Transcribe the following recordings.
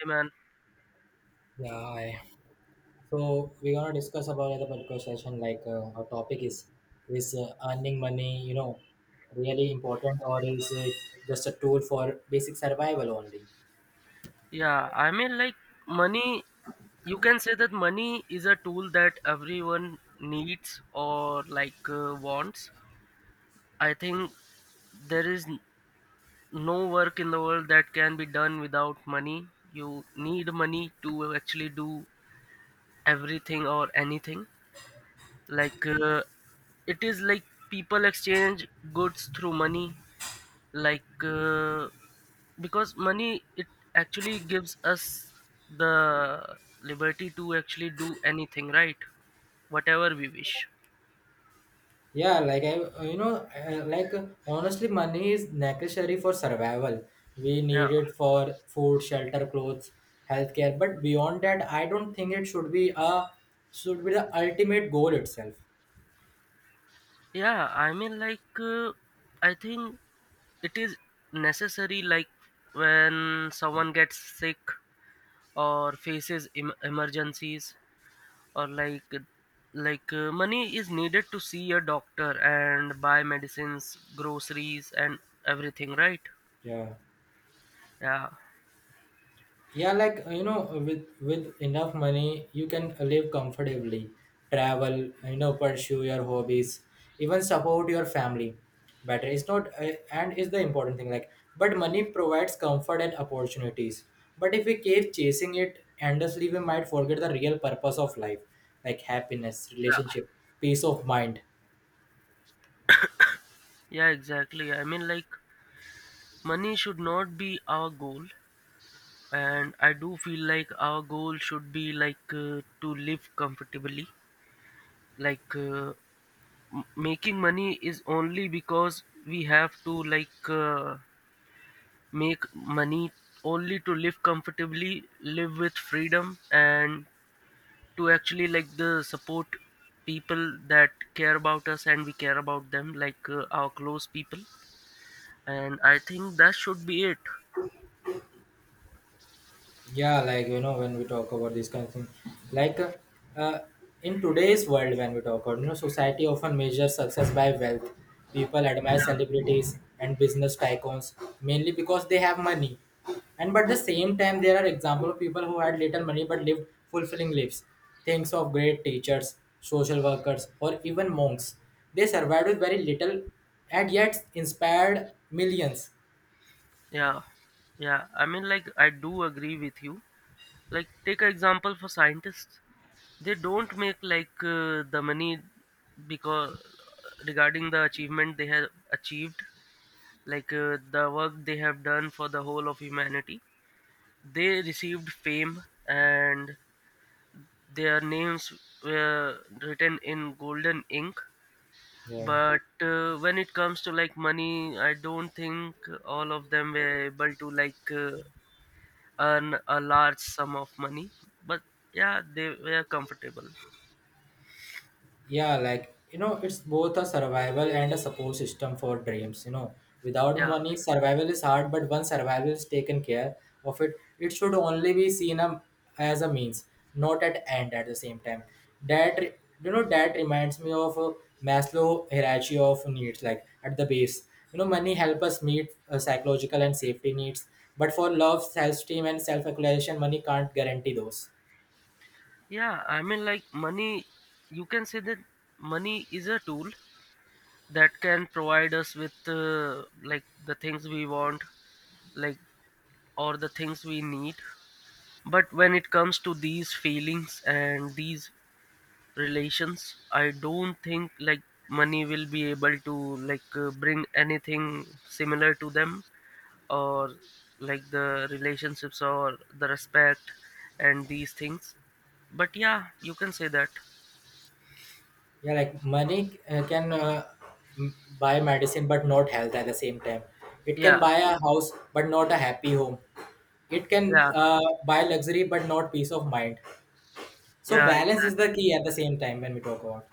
Hey man, Yeah, hi. So we're gonna discuss about the particular session. Like our topic is is earning money, you know, really important, or is it just a tool for basic survival only? yeah, I mean like money, you can say that money is a tool that everyone needs or like wants. I think there is n- no work in the world that can be done without money. You need money to actually do everything or anything. Like, it is like people exchange goods through money, like because money, it actually gives us the liberty to actually do anything, right, whatever we wish. Yeah, like I, honestly, money is necessary for survival. We need Yeah, it for food, shelter, clothes, healthcare. But beyond that, I don't think it should be a should be the ultimate goal itself. yeah, I mean like I think it is necessary, like when someone gets sick or faces emergencies, or like like money is needed to see a doctor and buy medicines, groceries, and everything, right. Yeah. Yeah. Yeah, like with enough money, you can live comfortably, travel, pursue your hobbies, even support your family. Better, it's not, and is the important thing. Like, but money provides comfort and opportunities. But if we keep chasing it endlessly, we might forget the real purpose of life, like happiness, Yeah, relationship, peace of mind. yeah, exactly. I mean, like, money should not be our goal, and I do feel like our goal should be like to live comfortably. Like, making money is only because we have to, like make money only to live comfortably, live with freedom, and to actually, like, the support people that care about us and we care about them, like our close people. And I think that should be it. Yeah, like you know, when we talk about this kind of thing, like uh, uh, in today's world, when we talk about, you know, society often measures success by wealth. People admire celebrities and business tycoons mainly because they have money, and but the same time there are examples of people who had little money but lived fulfilling lives. Thinks of great teachers, social workers, or even monks. They survived with very little and yet inspired millions. Yeah, yeah. I mean, like, I do agree with you. Like, take an example for scientists. They don't make, like the money, because regarding the achievement they have achieved, like the work they have done for the whole of humanity. They received fame, and their names were written in golden ink. Yeah. But when it comes to, like, money, I don't think all of them were able to like earn a large sum of money, but yeah, they were comfortable. Yeah, like you know, it's both a survival and a support system for dreams. You know, without Yeah, money, survival is hard, but once survival is taken care of it, it should only be seen a, as a means, not at end at the same time. That re- you know, that reminds me of Maslow hierarchy of needs, like at the base. You know, money help us meet psychological and safety needs, but for love, self-esteem, and self-actualization, money can't guarantee those. yeah, I mean like money, you can say that money is a tool that can provide us with like the things we want, like, or the things we need. But when it comes to these feelings and these relations, I don't think like money will be able to, like bring anything similar to them, or like the relationships or the respect and these things. But yeah, you can say that. Yeah, like money can buy medicine but not health at the same time. It can Yeah, buy a house but not a happy home. It can yeah, buy luxury but not peace of mind. So yeah, balance is exactly. the key at the same time when we talk about.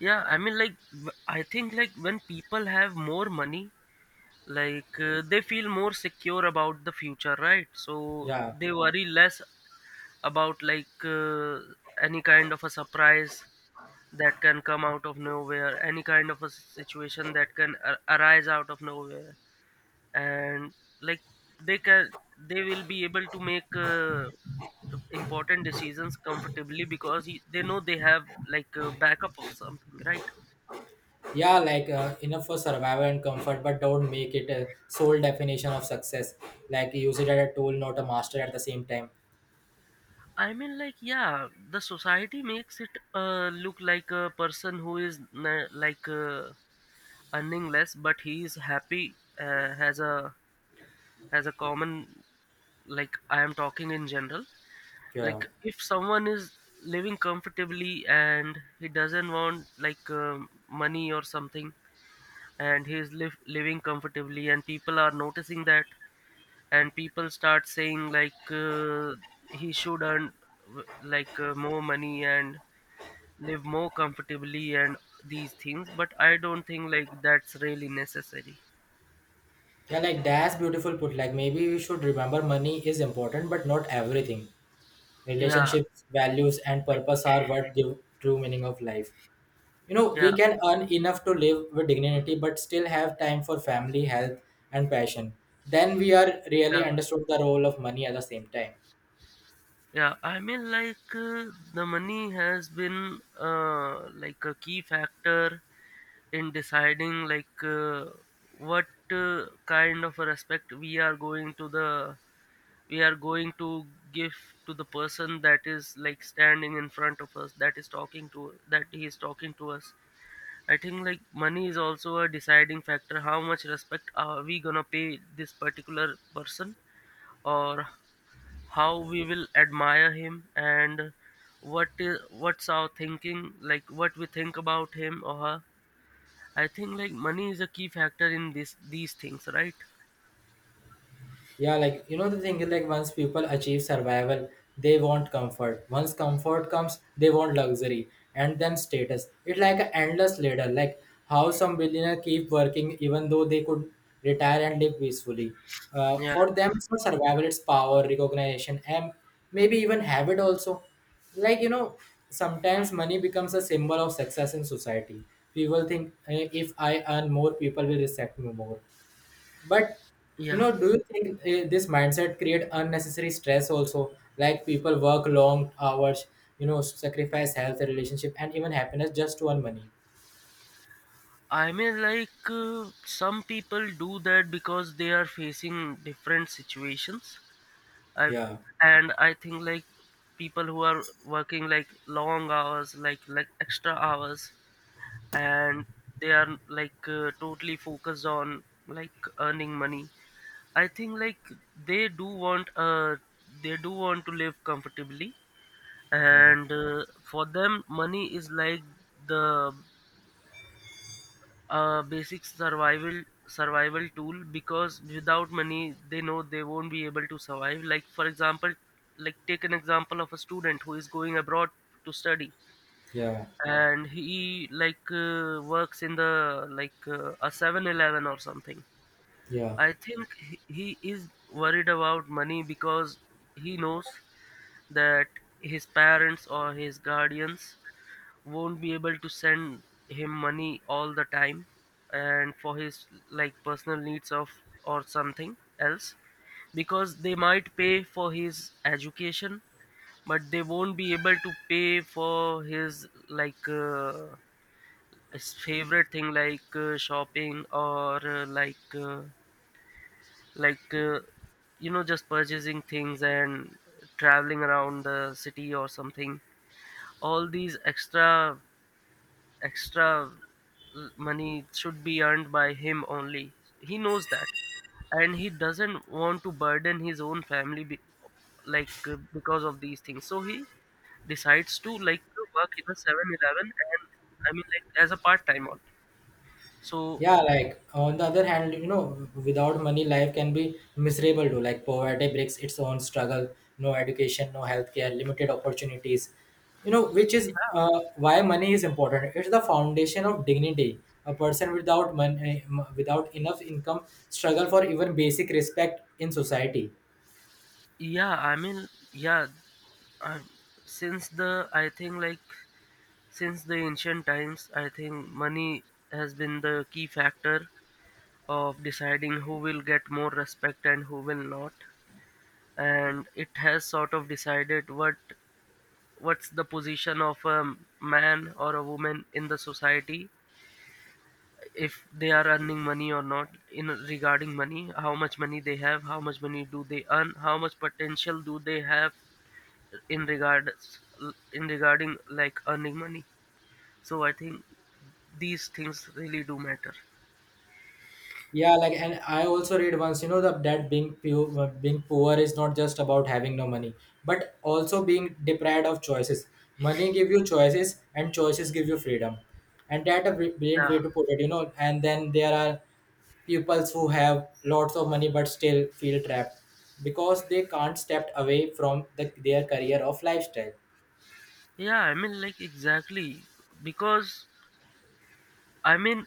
Yeah, I mean like I think like when people have more money, like they feel more secure about the future, right, so Yeah. they worry less about like any kind of a surprise that can come out of nowhere, any kind of a situation that can arise out of nowhere, and like they can they will be able to make important decisions comfortably, because they know they have like a backup of something, right? Yeah, like enough for survival and comfort, but don't make it a sole definition of success. Like use it as a tool, not a master at the same time. I mean, like, yeah, the society makes it look like a person who is like earning less, but he is happy, has a as a common, like, I am talking in general, Yeah. like if someone is living comfortably and he doesn't want like money or something, and he is living comfortably, and people are noticing that, and people start saying like he should earn, like more money and live more comfortably and these things, but I don't think like that's really necessary. Yeah, like that's beautiful put. Like maybe we should remember money is important, but not everything. Yeah, Relationships, values, and purpose are what give true meaning of life. You know, we yeah, can earn enough to live with dignity but still have time for family, health, and passion. Then we are really yeah. understood the role of money at the same time. Yeah, I mean, like the money has been like a key factor in deciding like what kind of a respect we are going to the we are going to give to the person that is like standing in front of us, that he is talking to us. I think like money is also a deciding factor, how much respect are we gonna pay this particular person, or how we will admire him, and what's our thinking, like what we think about him or her. I think like money is a key factor in this, these things, right. Yeah, like you know, the thing is like once people achieve survival, they want comfort. Once comfort comes, they want luxury and then status. It's like an endless ladder, like how some billionaire keep working even though they could retire and live peacefully. Yeah, For them, yeah, it's not survival; it's power, recognition, and maybe even habit also. Like you know, sometimes money becomes a symbol of success in society. People think, "Eh, if I earn more, people will respect me more," but you yeah. know, do you think, eh, this mindset create unnecessary stress also? Like people work long hours, you know, sacrifice health, relationship, and even happiness just to earn money. I mean like some people do that because they are facing different situations, I Yeah, and I think like people who are working like long hours, like extra hours, and they are like totally focused on, like, earning money. I think like they do want uh they do want to live comfortably, yeah, and for them money is like the basic survival tool, because without money they know they won't be able to survive. Like, for example, like take an example of a student who is going abroad to study, yeah, and he, like works in the, like a 7-Eleven or something. yeah. I think he is worried about money because he knows that his parents or his guardians won't be able to send him money all the time, and for his, like, personal needs of, or something else, because they might pay for his education, but they won't be able to pay for his, like his favorite thing, like shopping, or like like uh, just purchasing things and traveling around the city or something. All these extra money should be earned by him only. He knows that, and he doesn't want to burden his own family, like because of these things. So he decides to, like, to work in a 7-Eleven, and I mean, like, as a part time on. So, Yeah, like on the other hand, you know, without money, life can be miserable too. Like poverty breaks its own struggle, no education, no healthcare, limited opportunities, you know, which is why money is important. It's the foundation of dignity. A person without money, without enough income, struggle for even basic respect in society. yeah, I mean, yeah, uh, I think like, since the ancient times, I think money has been the key factor of deciding who will get more respect and who will not. And it has sort of decided what's the position of a man or a woman in the society, if they are earning money or not, in regarding money, how much money they have, how much money do they earn, how much potential do they have, in regards in regarding like earning money. So I think these things really do matter. Yeah, like, and I also read once, you know, that that being poor is not just about having no money, but also being deprived of choices. Money give you choices, and choices give you freedom, and that a brilliant way Yeah, to put it, you know. And then there are pupils who have lots of money but still feel trapped because they can't step away from the, their career of lifestyle. yeah, I mean like exactly, because I mean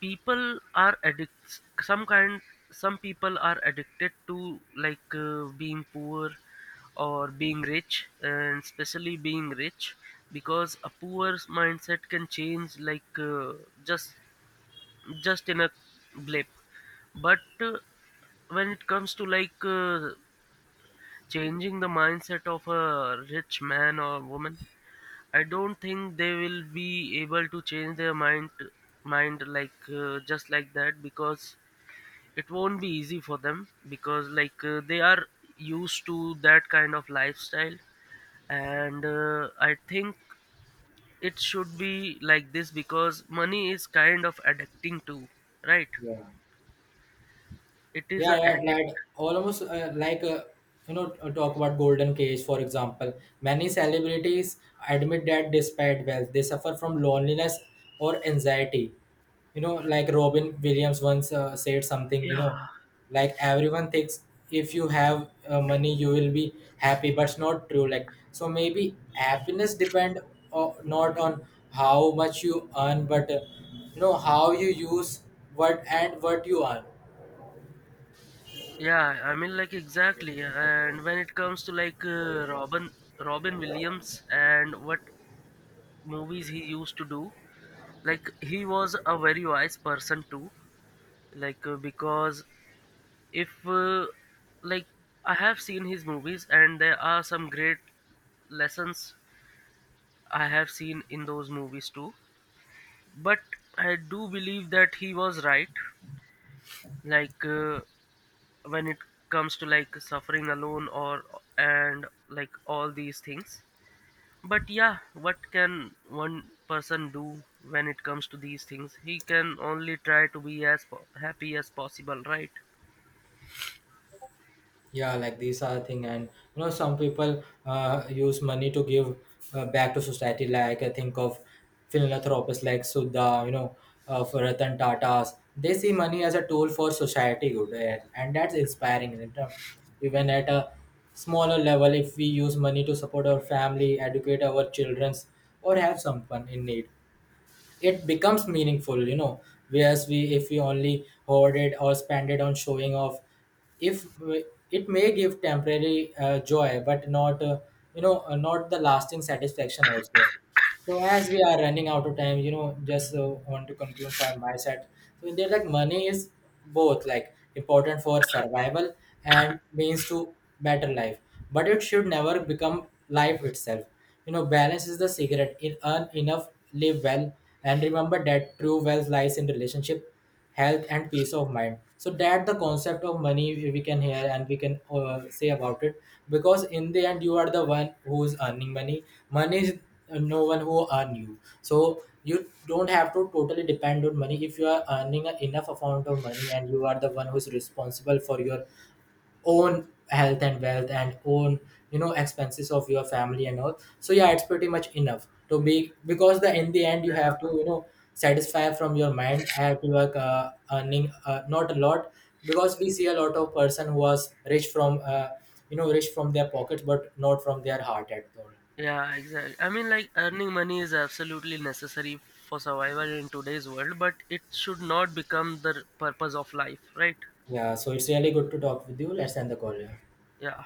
people are addicts, some kind, some people are addicted to like being poor or being rich, and especially being rich, because a poor mindset can change, like just just in a blip. But when it comes to like changing the mindset of a rich man or woman, I don't think they will be able to change their mind, like just like that, because it won't be easy for them, because like they are used to that kind of lifestyle. And I think it should be like this, because money is kind of addicting too, right, it is Yeah, a yeah, addict. like almost, talk about golden cage for example. Many celebrities admit that despite wealth, they suffer from loneliness or anxiety. You know, like Robin Williams once said something. You Yeah. know, like everyone thinks if you have money, you will be happy, but it's not true. Like so, maybe happiness depend not on how much you earn, but you know, how you use what and what you earn. Yeah, I mean like exactly. And when it comes to, like Robin Williams and what movies he used to do, like he was a very wise person too. Like, because if, like, I have seen his movies, and there are some great lessons I have seen in those movies too. But I do believe that he was right. Like, when it comes to like suffering alone, or and like all these things. But yeah, what can one person do? When it comes to these things, he can only try to be as happy as possible, right. Yeah, like these are thing, and you know, some people use money to give back to society. Like I think of philanthropists like Sudha, you know, for Ratan Tatas. They see money as a tool for society good, eh, and that's inspiring, you know. Even at a smaller level, if we use money to support our family, educate our childrens, or help someone in need, it becomes meaningful, you know. Whereas we, if we only hoard it or spend it on showing off, if we- it may give temporary joy but not not the lasting satisfaction also. So as we are running out of time, you know, just want to conclude for my side. So they're like money is both like important for survival and means to better life, but it should never become life itself. You know, balance is the secret. In earn enough, live well, and remember that true wealth lies in relationship, health, and peace of mind. So that the concept of money, we can hear and we can say about it, because in the end you are the one who is earning money. Money is no one who earn you. So you don't have to totally depend on money if you are earning a enough amount of money, and you are the one who is responsible for your own health and wealth and own, you know, expenses of your family and all. So yeah, it's pretty much enough to be, because the in the end you Yeah, have to, you know, satisfy from your mind. I have to work, earning, not a lot, because we see a lot of person who was rich from rich from their pockets but not from their heart at all. yeah, exactly. I mean like earning money is absolutely necessary for survival in today's world, but it should not become the purpose of life, right. Yeah, so it's really good to talk with you. Let's end the call. Yeah. Yeah.